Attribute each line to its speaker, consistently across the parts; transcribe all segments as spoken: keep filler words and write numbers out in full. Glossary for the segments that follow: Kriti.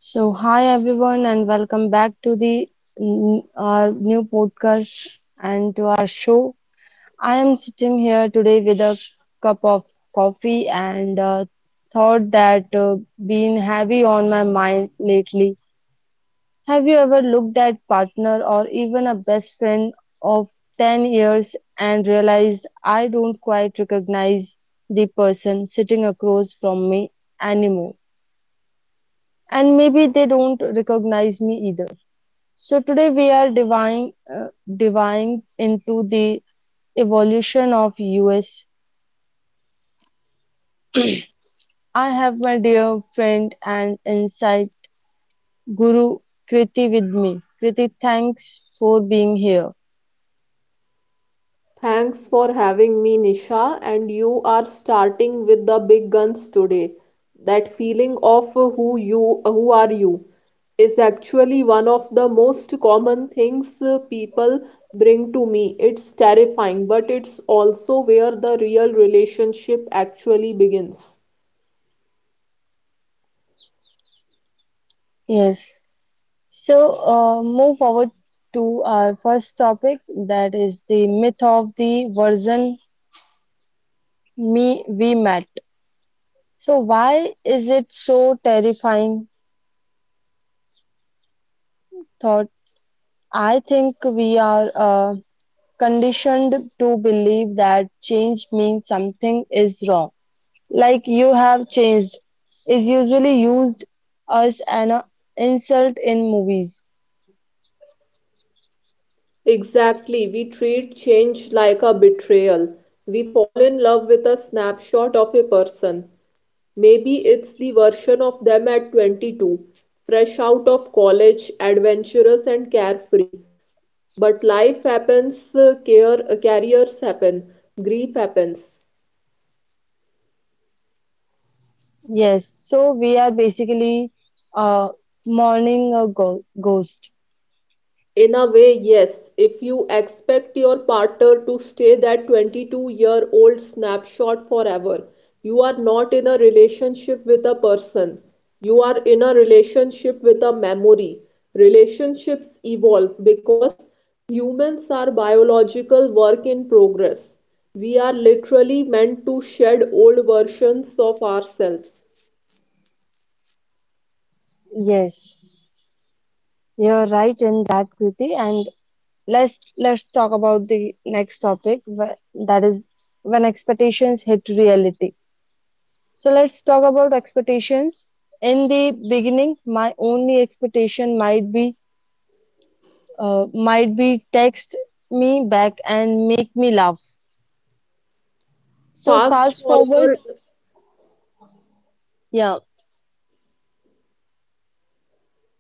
Speaker 1: So, hi everyone, and welcome back to the n- our new podcast and to our show. I am sitting here today with a cup of coffee and uh, thought that uh, been heavy on my mind lately. Have you ever looked at partner or even a best friend of 10 years and realized I don't quite recognize the person sitting across from me anymore? And maybe they don't recognize me either. So today we are diving uh, diving into the evolution of US. I have my dear friend and insight guru Kriti with me. Kriti, thanks for being here.
Speaker 2: Thanks for having me, Nisha. And you are starting with the big guns today. That feeling of who you who are you is actually one of the most common things uh, people bring to me. It's terrifying, but it's also where the real relationship actually begins.
Speaker 1: Yes. So uh, move forward to our first topic, that is the myth of the version me we met. So why is it so terrifying? Thought I think we are uh, conditioned to believe that change means something is wrong, like "you have changed" is usually used as an uh, insult in movies.
Speaker 2: Exactly. We treat change like a betrayal. We fall in love with a snapshot of a person. Maybe it's the version of them at twenty-two, fresh out of college, adventurous and carefree. But life happens. Uh, care, uh, careers happen, grief happens.
Speaker 1: Yes, so we are basically uh, mourning a go- ghost.
Speaker 2: In a way, yes. If you expect your partner to stay that twenty-two year old snapshot forever, you are not in a relationship with a person. You are in a relationship with a memory. Relationships evolve because humans are biological work in progress. We are literally meant to shed old versions of ourselves.
Speaker 1: Yes, you're right in that, Kriti. And let's let's talk about the next topic wh- that is when expectations hit reality. So let's talk about expectations. In the beginning, my only expectation might be, uh, might be text me back and make me laugh. So
Speaker 2: Fast
Speaker 1: fast forward,
Speaker 2: forward.
Speaker 1: yeah.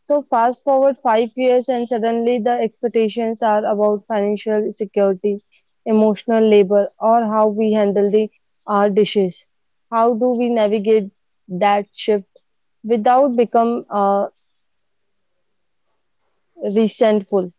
Speaker 1: So fast forward five years and suddenly the expectations are about financial security, emotional labor, or how we handle the our dishes. How do we navigate that shift without become uh, resentful?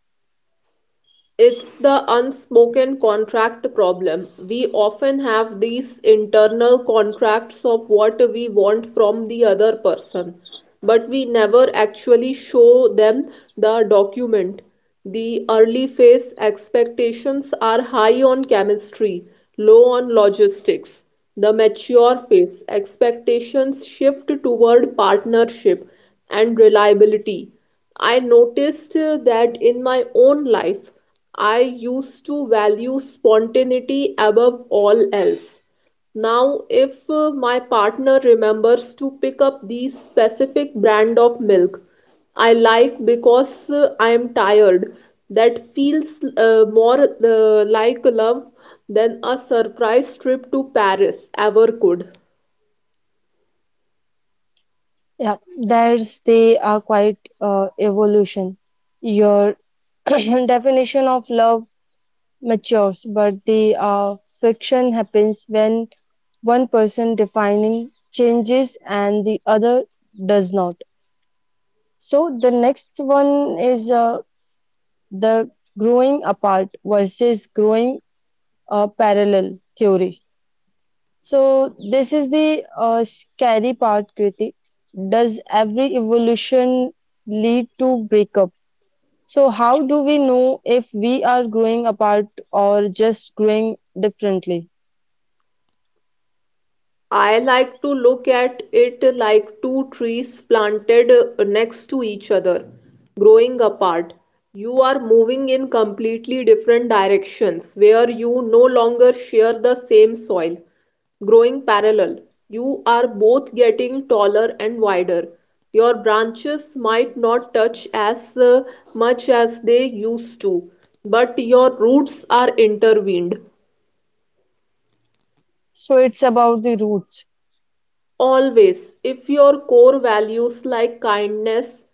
Speaker 2: It's the unspoken contract problem. We often have these internal contracts of what we want from the other person, but we never actually show them the document. The early phase expectations are high on chemistry, low on logistics. The mature phase expectations shift toward partnership and reliability. I noticed uh, that in my own life. I used to value spontaneity above all else. Now, if uh, my partner remembers to pick up these specific brand of milk I like because uh, I am tired, that feels uh, more uh, like love than a surprise trip to Paris ever could.
Speaker 1: Yeah, there's they are quite uh, evolution. Your definition of love matures, but the uh, friction happens when one person defining changes and the other does not. So the next one is, uh, the growing apart versus growing uh, parallel theory. So this is the uh, scary part, Kriti. Does every evolution lead to breakup? So, how do we know if we are growing apart or just growing differently?
Speaker 2: I like to look at it like two trees planted uh, next to each other. Growing apart: you are moving in completely different directions where you no longer share the same soil. Growing parallel: you are both getting taller and wider. Your branches might not touch as uh, much as they used to, but your roots are intertwined.
Speaker 1: So it's about the roots.
Speaker 2: Always, if your core values like kindness,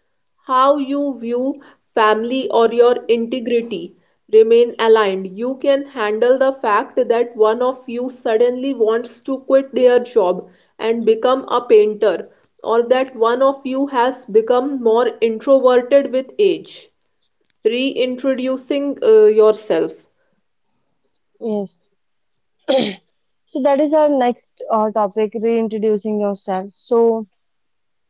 Speaker 2: how you view family, or your integrity remain aligned, you can handle the fact that one of you suddenly wants to quit their job and become a painter, or that one of you has become more introverted with age. Reintroducing uh, yourself,
Speaker 1: Yes. So that is our next uh, topic, reintroducing yourself. So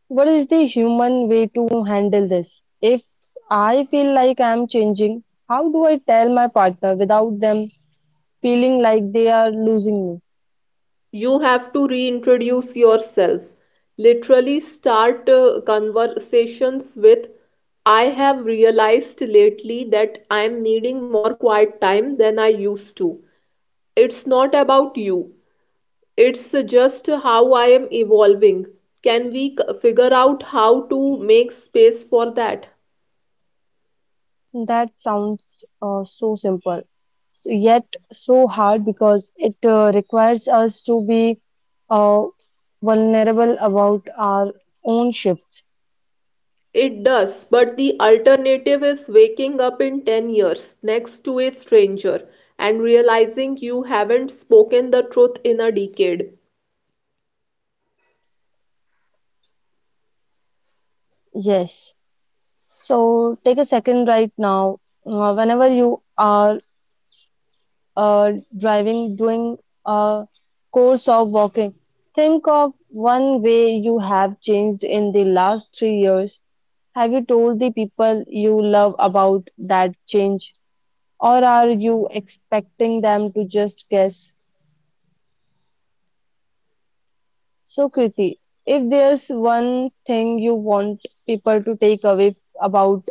Speaker 1: what is the human way to handle this? If I feel like I'm changing, how do I tell my partner without them feeling like they are losing me?
Speaker 2: you have to reintroduce yourself. Literally start uh, conversations with, I have realized lately that I am needing more quiet time than I used to. It's not about you, it's just how I am evolving. Can we c- figure out how to make space for that?
Speaker 1: That sounds uh, so simple, s- yet so hard because it uh, requires us to be uh, vulnerable about our own shifts.
Speaker 2: It does, but the alternative is waking up in ten years next to a stranger and realizing you haven't spoken the truth in a decade.
Speaker 1: Yes. So take a second right now. Uh, whenever you are uh, driving, doing a course of walking, think of one way you have changed in the last three years. Have you told the people you love about that change? Or are you expecting them to just guess? So, Kriti, if there's one thing you want people to take away about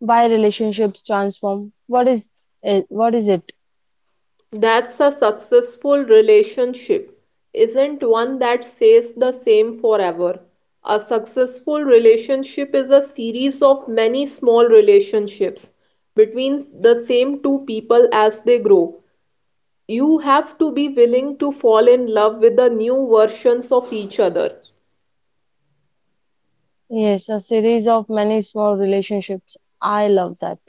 Speaker 1: why relationships transform, what is it? What is it?
Speaker 2: That's a successful relationship, isn't one that says the same forever. A successful relationship is a series of many small relationships between the same two people as they grow. You have to be willing to fall in love with the new versions of each other.
Speaker 1: Yes, a series of many small relationships. I love that.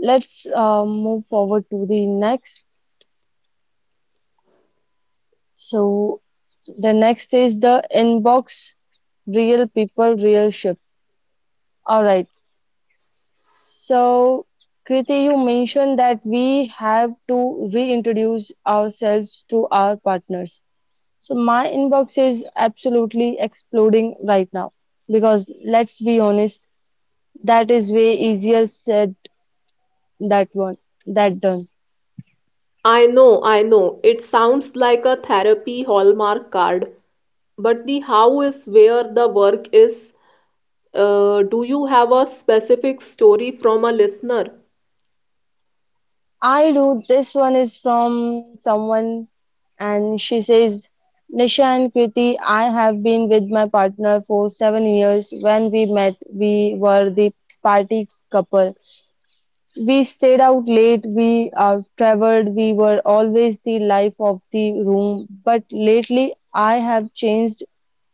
Speaker 1: Let's uh, move forward to the next. So, the next is the inbox, real people, real ship. All right. So, Kriti, you mentioned that we have to reintroduce ourselves to our partners. So, my inbox is absolutely exploding right now because let's be honest, that is way easier said that one that done.
Speaker 2: I know, I know. It sounds like a therapy hallmark card, but the how is where the work is. Uh, do you have a specific story from a listener?
Speaker 1: I do. This one is from someone, and she says, Nisha and Kriti, I have been with my partner for seven years. When we met, we were the party couple. We stayed out late, we out traveled, we were always the life of the room. But lately, I have changed.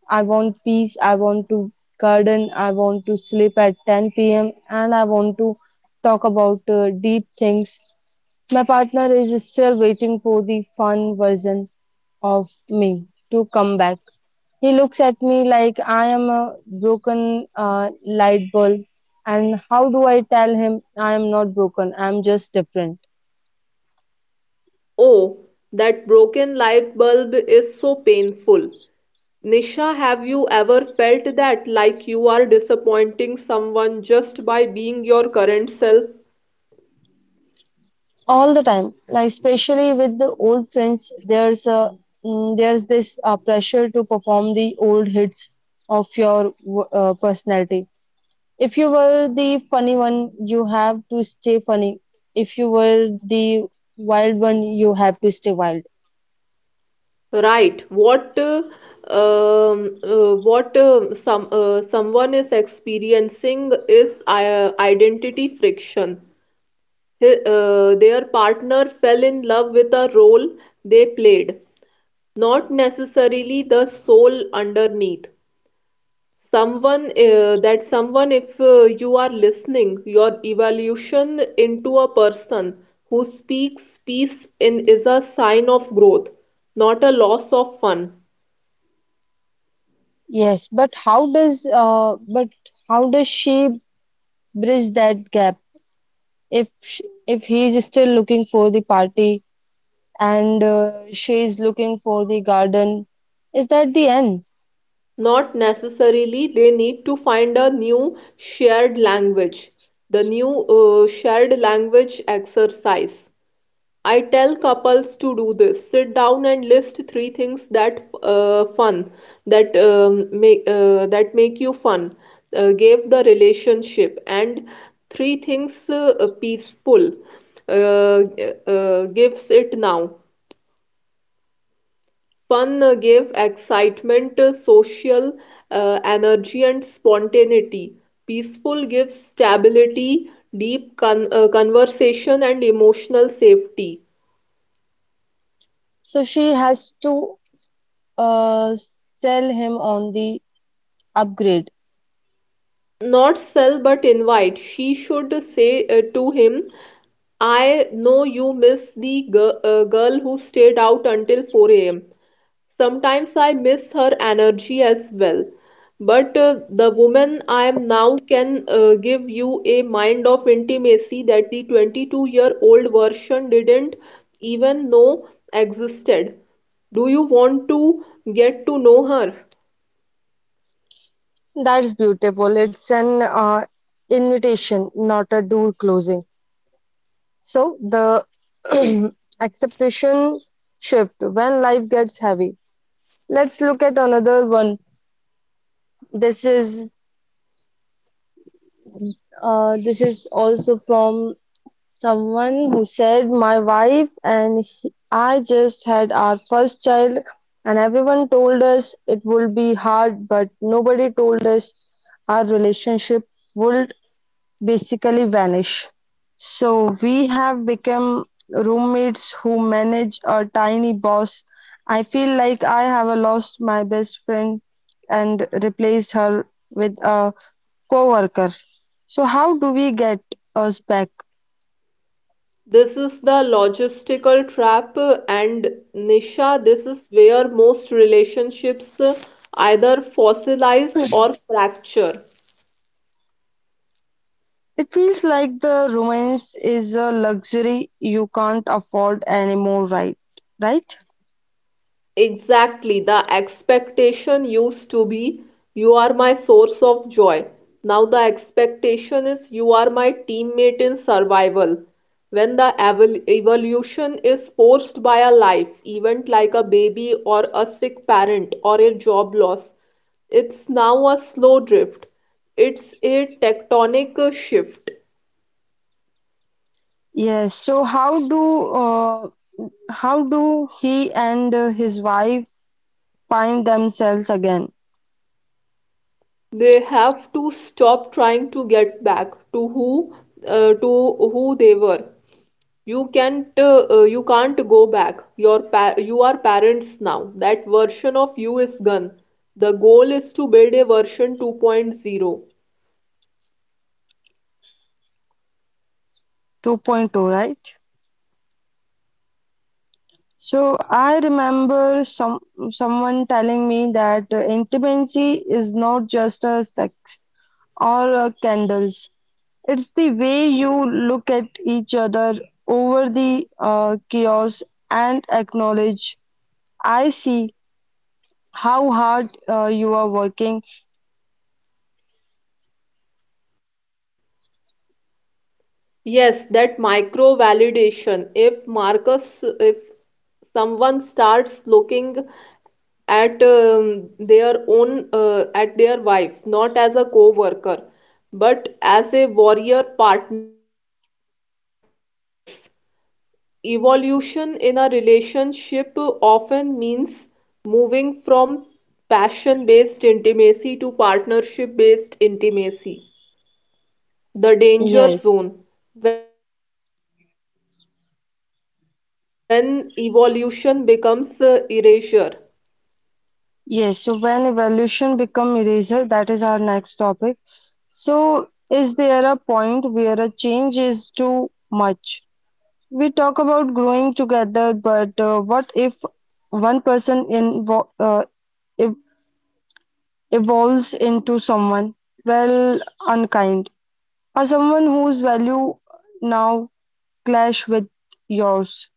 Speaker 1: I want peace, I want to garden, I want to sleep at ten p m, and I want to talk about uh, deep things. My partner is still waiting for the fun version of me to come back. He looks at me like I am a broken uh, light bulb. And how do I tell him I am not broken? I am just different.
Speaker 2: Oh, that broken light bulb is so painful. Nisha, have you ever felt that, like you are disappointing someone just by being your current self?
Speaker 1: All the time, like especially with the old friends, there's a mm, there's this uh, pressure to perform the old hits of your uh, personality. If you were the funny one, you have to stay funny. If you were the wild one, you have to stay wild.
Speaker 2: Right. What uh, um, uh, what uh, some uh, Someone is experiencing is uh, identity friction. Hi- uh, their partner fell in love with a role they played, not necessarily the soul underneath. Someone uh, that someone, if uh, you are listening, your evolution into a person who speaks peace in is a sign of growth, not a loss of fun.
Speaker 1: Yes, but how does uh, but how does she bridge that gap? If sh if he's still looking for the party and uh, she is looking for the garden, is that the end?
Speaker 2: Not necessarily. They need to find a new shared language. The new uh, shared language exercise. I tell couples to do this. Sit down and list three things that uh, fun that um, make uh, that make you fun. Uh, give the relationship, and three things uh, peaceful. Uh, uh, Gives it now. Fun uh, gave excitement, uh, social uh, energy, and spontaneity. Peaceful gives stability, deep con uh, conversation, and emotional safety.
Speaker 1: So she has to uh, sell him on the upgrade.
Speaker 2: Not sell but invite. She should say uh, to him, I know you miss the gir- uh, girl who stayed out until four a m. Sometimes I miss her energy as well. But uh, the woman I am now can uh, give you a mind of intimacy that the twenty-two year old version didn't even know existed. Do you want to get to know her?
Speaker 1: That's beautiful. It's an uh, invitation, not a door closing. So the acceptation shift when life gets heavy. Let's look at another one. This is uh, this is also from someone who said, My wife and he- I just had our first child, and everyone told us it would be hard, but nobody told us our relationship would basically vanish. So we have become roommates who manage a tiny boss. I feel like I have lost my best friend and replaced her with a coworker. So how do we get us back?
Speaker 2: This is the logistical trap, uh, and Nisha, this is where most relationships uh, either fossilize or fracture.
Speaker 1: It feels like the romance is a luxury you can't afford anymore, right? Right?
Speaker 2: Exactly. The expectation used to be, you are my source of joy. Now the expectation is, you are my teammate in survival. When the evol- evolution is forced by a life event like a baby or a sick parent or a job loss, it's now a slow drift. It's a tectonic shift.
Speaker 1: Yes. So how do uh, how do he and uh, his wife find themselves again?
Speaker 2: They have to stop trying to get back to who uh, to who they were. You can't uh, uh, you can't go back. Your pa you are parents now. That version of you is gone. The goal is to build a version 2.0.
Speaker 1: 2.0, point oh. Right? So I remember some someone telling me that uh, intimacy is not just a sex or uh, candles. It's the way you look at each other over the uh, chaos and acknowledge, I see how hard uh, you are working.
Speaker 2: Yes, that micro validation. If Marcus, if someone starts looking at um, their own uh, at their wife not as a co-worker but as a warrior partner, the energy changes. Evolution in a relationship often means moving from passion-based intimacy to partnership-based intimacy. The danger
Speaker 1: Yes,
Speaker 2: zone, when evolution becomes uh, erasure.
Speaker 1: yes. So when evaluation become eraser, that is our next topic. So is there a point where a change is too much? We talk about growing together, but uh, what if one person invo uh, ev evolves into someone, well, unkind, or someone whose value now clash with yours?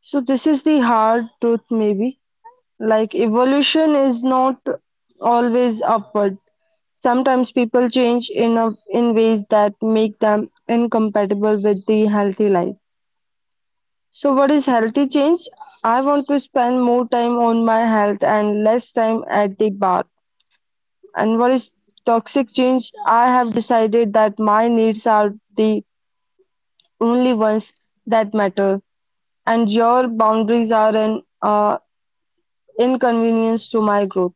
Speaker 1: So this is the hard truth, maybe. Like evolution is not always upward. Sometimes people change in a, in ways that make them incompatible with the healthy life. So what is healthy change? I want to spend more time on my health and less time at the bar. And what is toxic change? I have decided that my needs are the only ones that matter and your boundaries are an uh, inconvenience to my growth.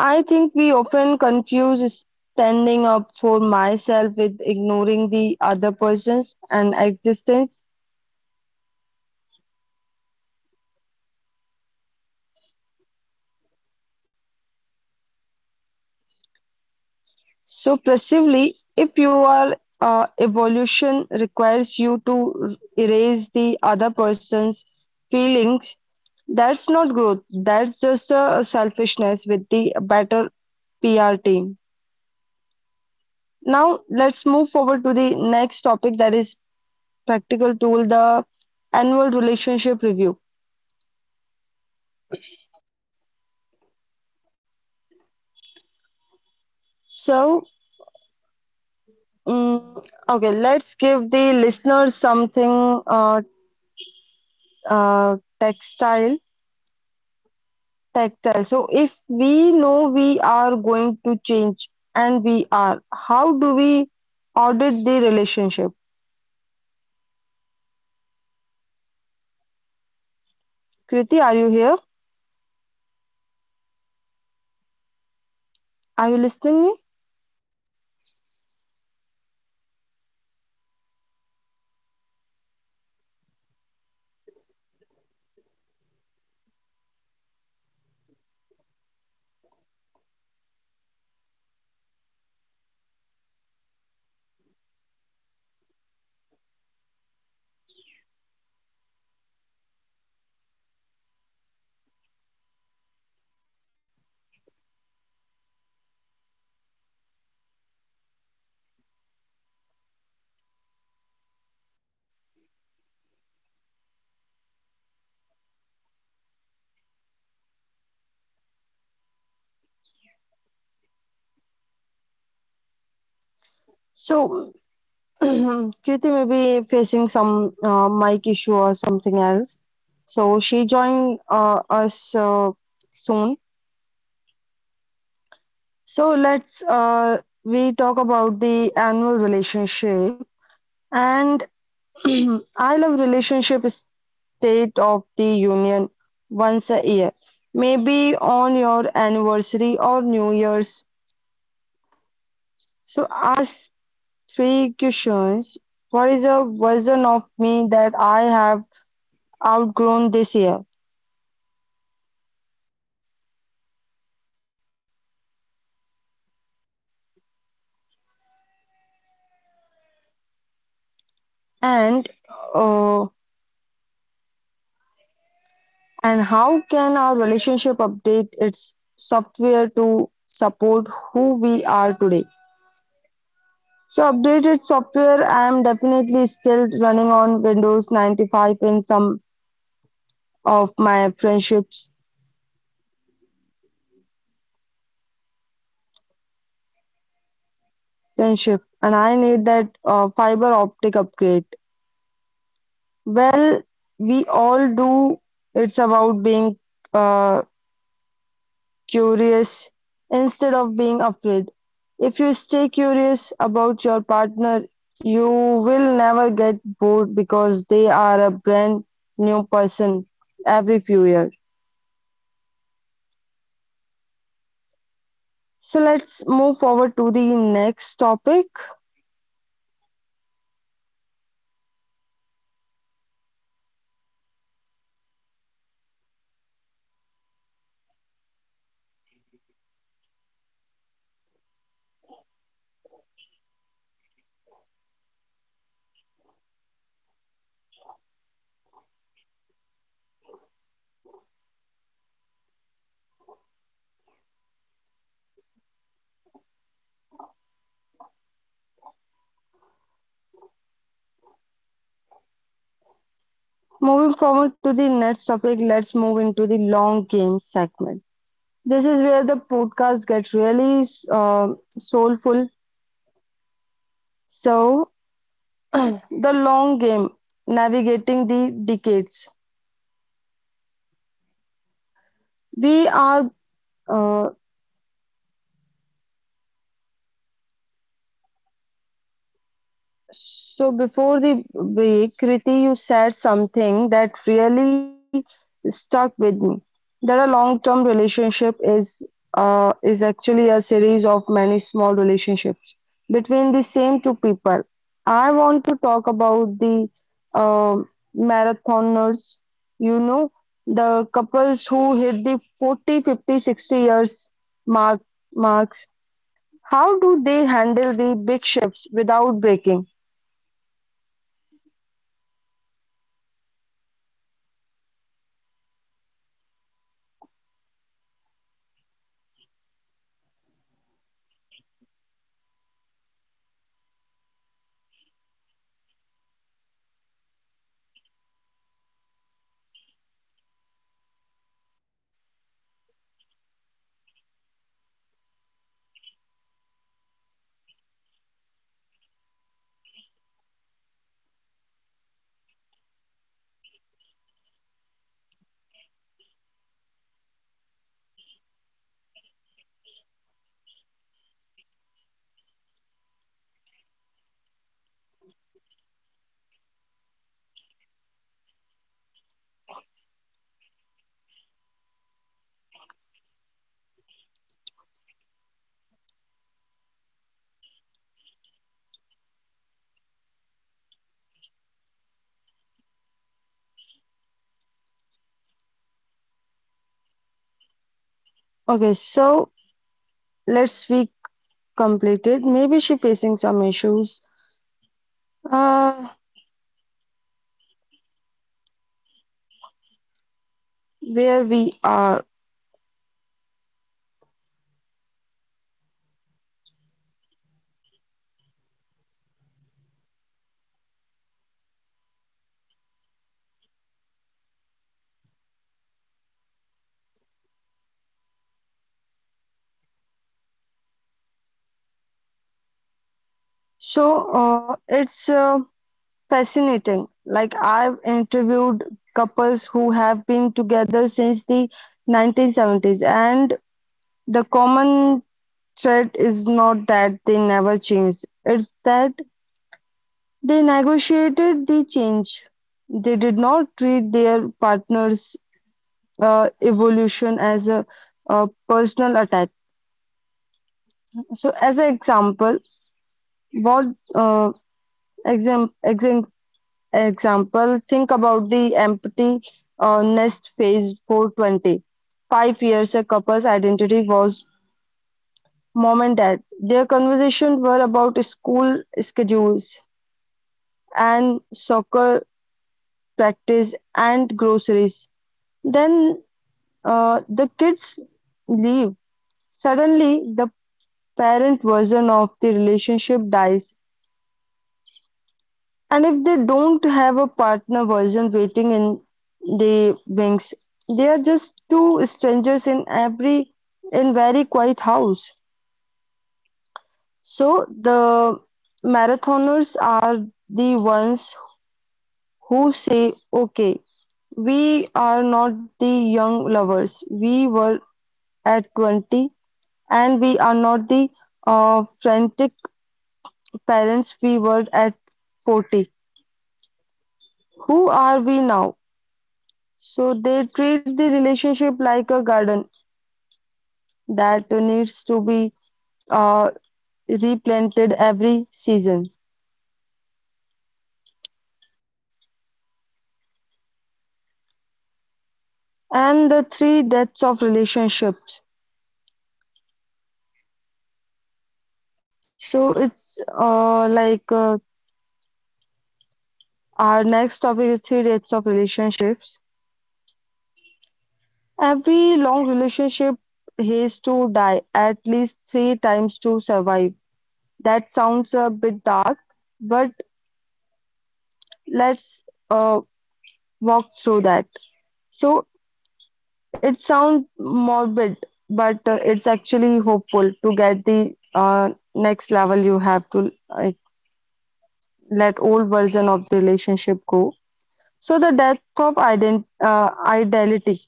Speaker 1: I think we often confuse standing up for myself with ignoring the other person's and existence. So perceively, if your uh, evolution requires you to erase the other person's feelings, that's not growth. That's just a selfishness with the better P R team. Now let's move forward to the next topic, that is practical tool, the annual relationship review. So, Mm, okay, let's give the listeners something, uh, uh, textile, tactile. So, if we know we are going to change, and we are, how do we audit the relationship? Kriti, are you here? Are you listening me? So, Kriti may be facing some uh, mic issue or something else. So, she joined uh, us uh, soon. So, let's, uh, we talk about the annual relationship. And I love relationship state of the union once a year, maybe on your anniversary or New Year's. So ask three questions. What is a version of me that I have outgrown this year? And uh, and how can our relationship update its software to support who we are today? So updated software, I'm definitely still running on Windows ninety-five in some of my friendships friendship, and I need that uh, fiber optic upgrade. Well, we all do. It's about being uh, curious instead of being afraid. If you stay curious about your partner, you will never get bored because they are a brand new person every few years. So let's move forward to the next topic. Moving forward to the next topic, let's move into the long game segment. This is where the podcast gets really uh, soulful. So, the long game, navigating the decades. We are uh, So before the break, Kriti, you said something that really stuck with me. That a long-term relationship is uh, is actually a series of many small relationships between the same two people. I want to talk about the um marathoners, you know, the couples who hit the forty, fifty, sixty years mark marks. How do they handle the big shifts without breaking? Okay, so let's, we completed. Maybe she facing some issues uh, where we are. So, uh, it's uh, fascinating. Like I've interviewed couples who have been together since the nineteen seventies, and the common thread is not that they never changed. It's that they negotiated the change. They did not treat their partners uh, evolution as a, uh personal attack. So, as an example, what, uh, exam, exam, example? Think about the empty uh, nest phase four twenty. Five years a couple's identity was mom and dad. Their conversations were about school schedules and soccer practice and groceries. Then uh, the kids leave. Suddenly, the parent version of the relationship dies, and if they don't have a partner version waiting in the wings, they are just two strangers in every in very quiet house. So the marathoners are the ones who say, okay, we are not the young lovers we were at twenty, and we are not the uh, frantic parents we were at forty. Who are we now? So they treat the relationship like a garden that needs to be uh, replanted every season. And the three deaths of relationships. So it's uh, like uh, our next topic is three deaths of relationships. Every long relationship has to die at least three times to survive. That sounds a bit dark, but let's uh, walk through that. So it sounds morbid, but uh, it's actually hopeful. To get the uh, next level, you have to uh, let old version of the relationship go. So the death of ident uh, ideality.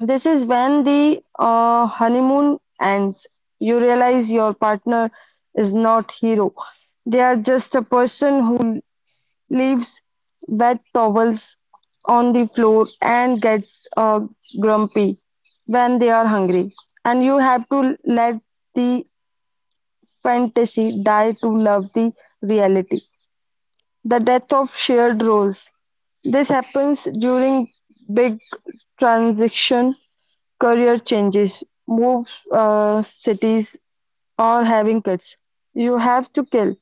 Speaker 1: This is when the uh, honeymoon ends. You realize your partner is not hero. They are just a person who leaves wet towels on the floor and gets uh, grumpy when they are hungry. And you have to let the fantasy die to love the reality. The death of shared roles. This happens during big transition, career changes, move uh, cities, or having kids. You have to kill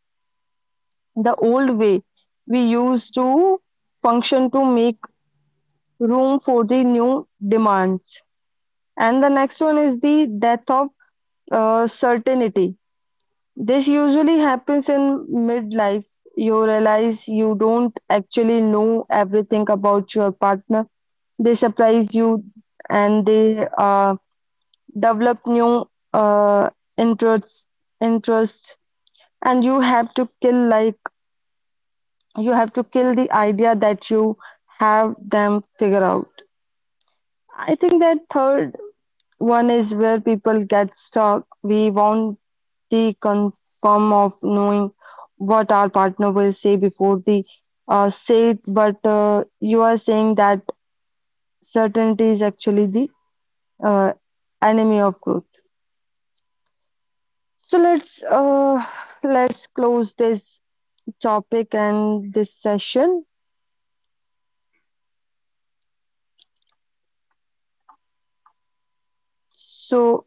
Speaker 1: the old way we used to function to make room for the new demands. And the next one is the death of uh, certainty. This usually happens in midlife. You realize you don't actually know everything about your partner. They surprise you and they uh, develop new uh, interests, interests, and you have to kill, like you have to kill the idea that you have them figure out. I think that third one is where people get stuck. We want the confirm of knowing what our partner will say before the uh, say it, but uh, you are saying that certainty is actually the uh, enemy of growth. So let's, uh, let's close this topic and this session. So,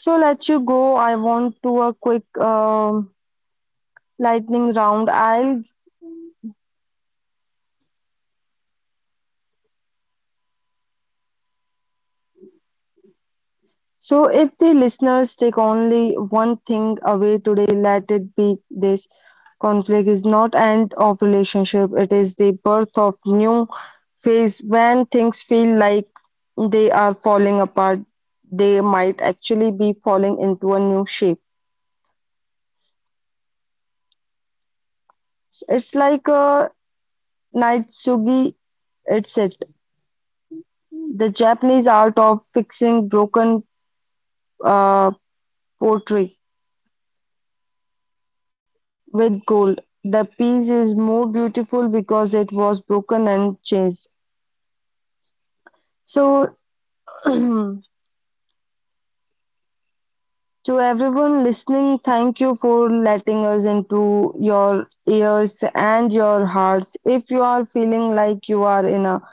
Speaker 1: so let you go. I want to a quick um lightning round. I'll So if the listeners take only one thing away today, let it be this. Conflict is not end of relationship, it is the birth of new phase. When things feel like they are falling apart, they might actually be falling into a new shape. So, it's like a Naitsugi, it's it. The Japanese art of fixing broken uh, pottery. With gold. The piece is more beautiful because it was broken and changed. So, to everyone listening, thank you for letting us into your ears and your hearts. If you are feeling like you are in a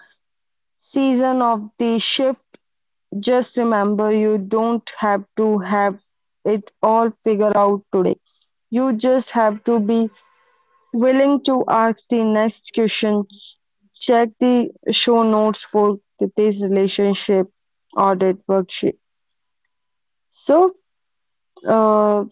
Speaker 1: season of the shift, just remember you don't have to have it all figured out today. You just have to be willing to ask the next question. Check the show notes for Kriti's relationship audit worksheet. So, uh,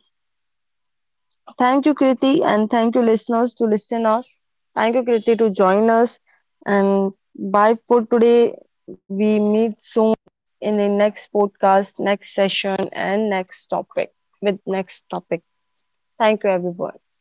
Speaker 1: thank you, Kriti, and thank you, listeners, to listen us. Thank you, Kriti, to join us. And bye for today. We meet soon in the next podcast, next session, and next topic with next topic. Thank you, everyone.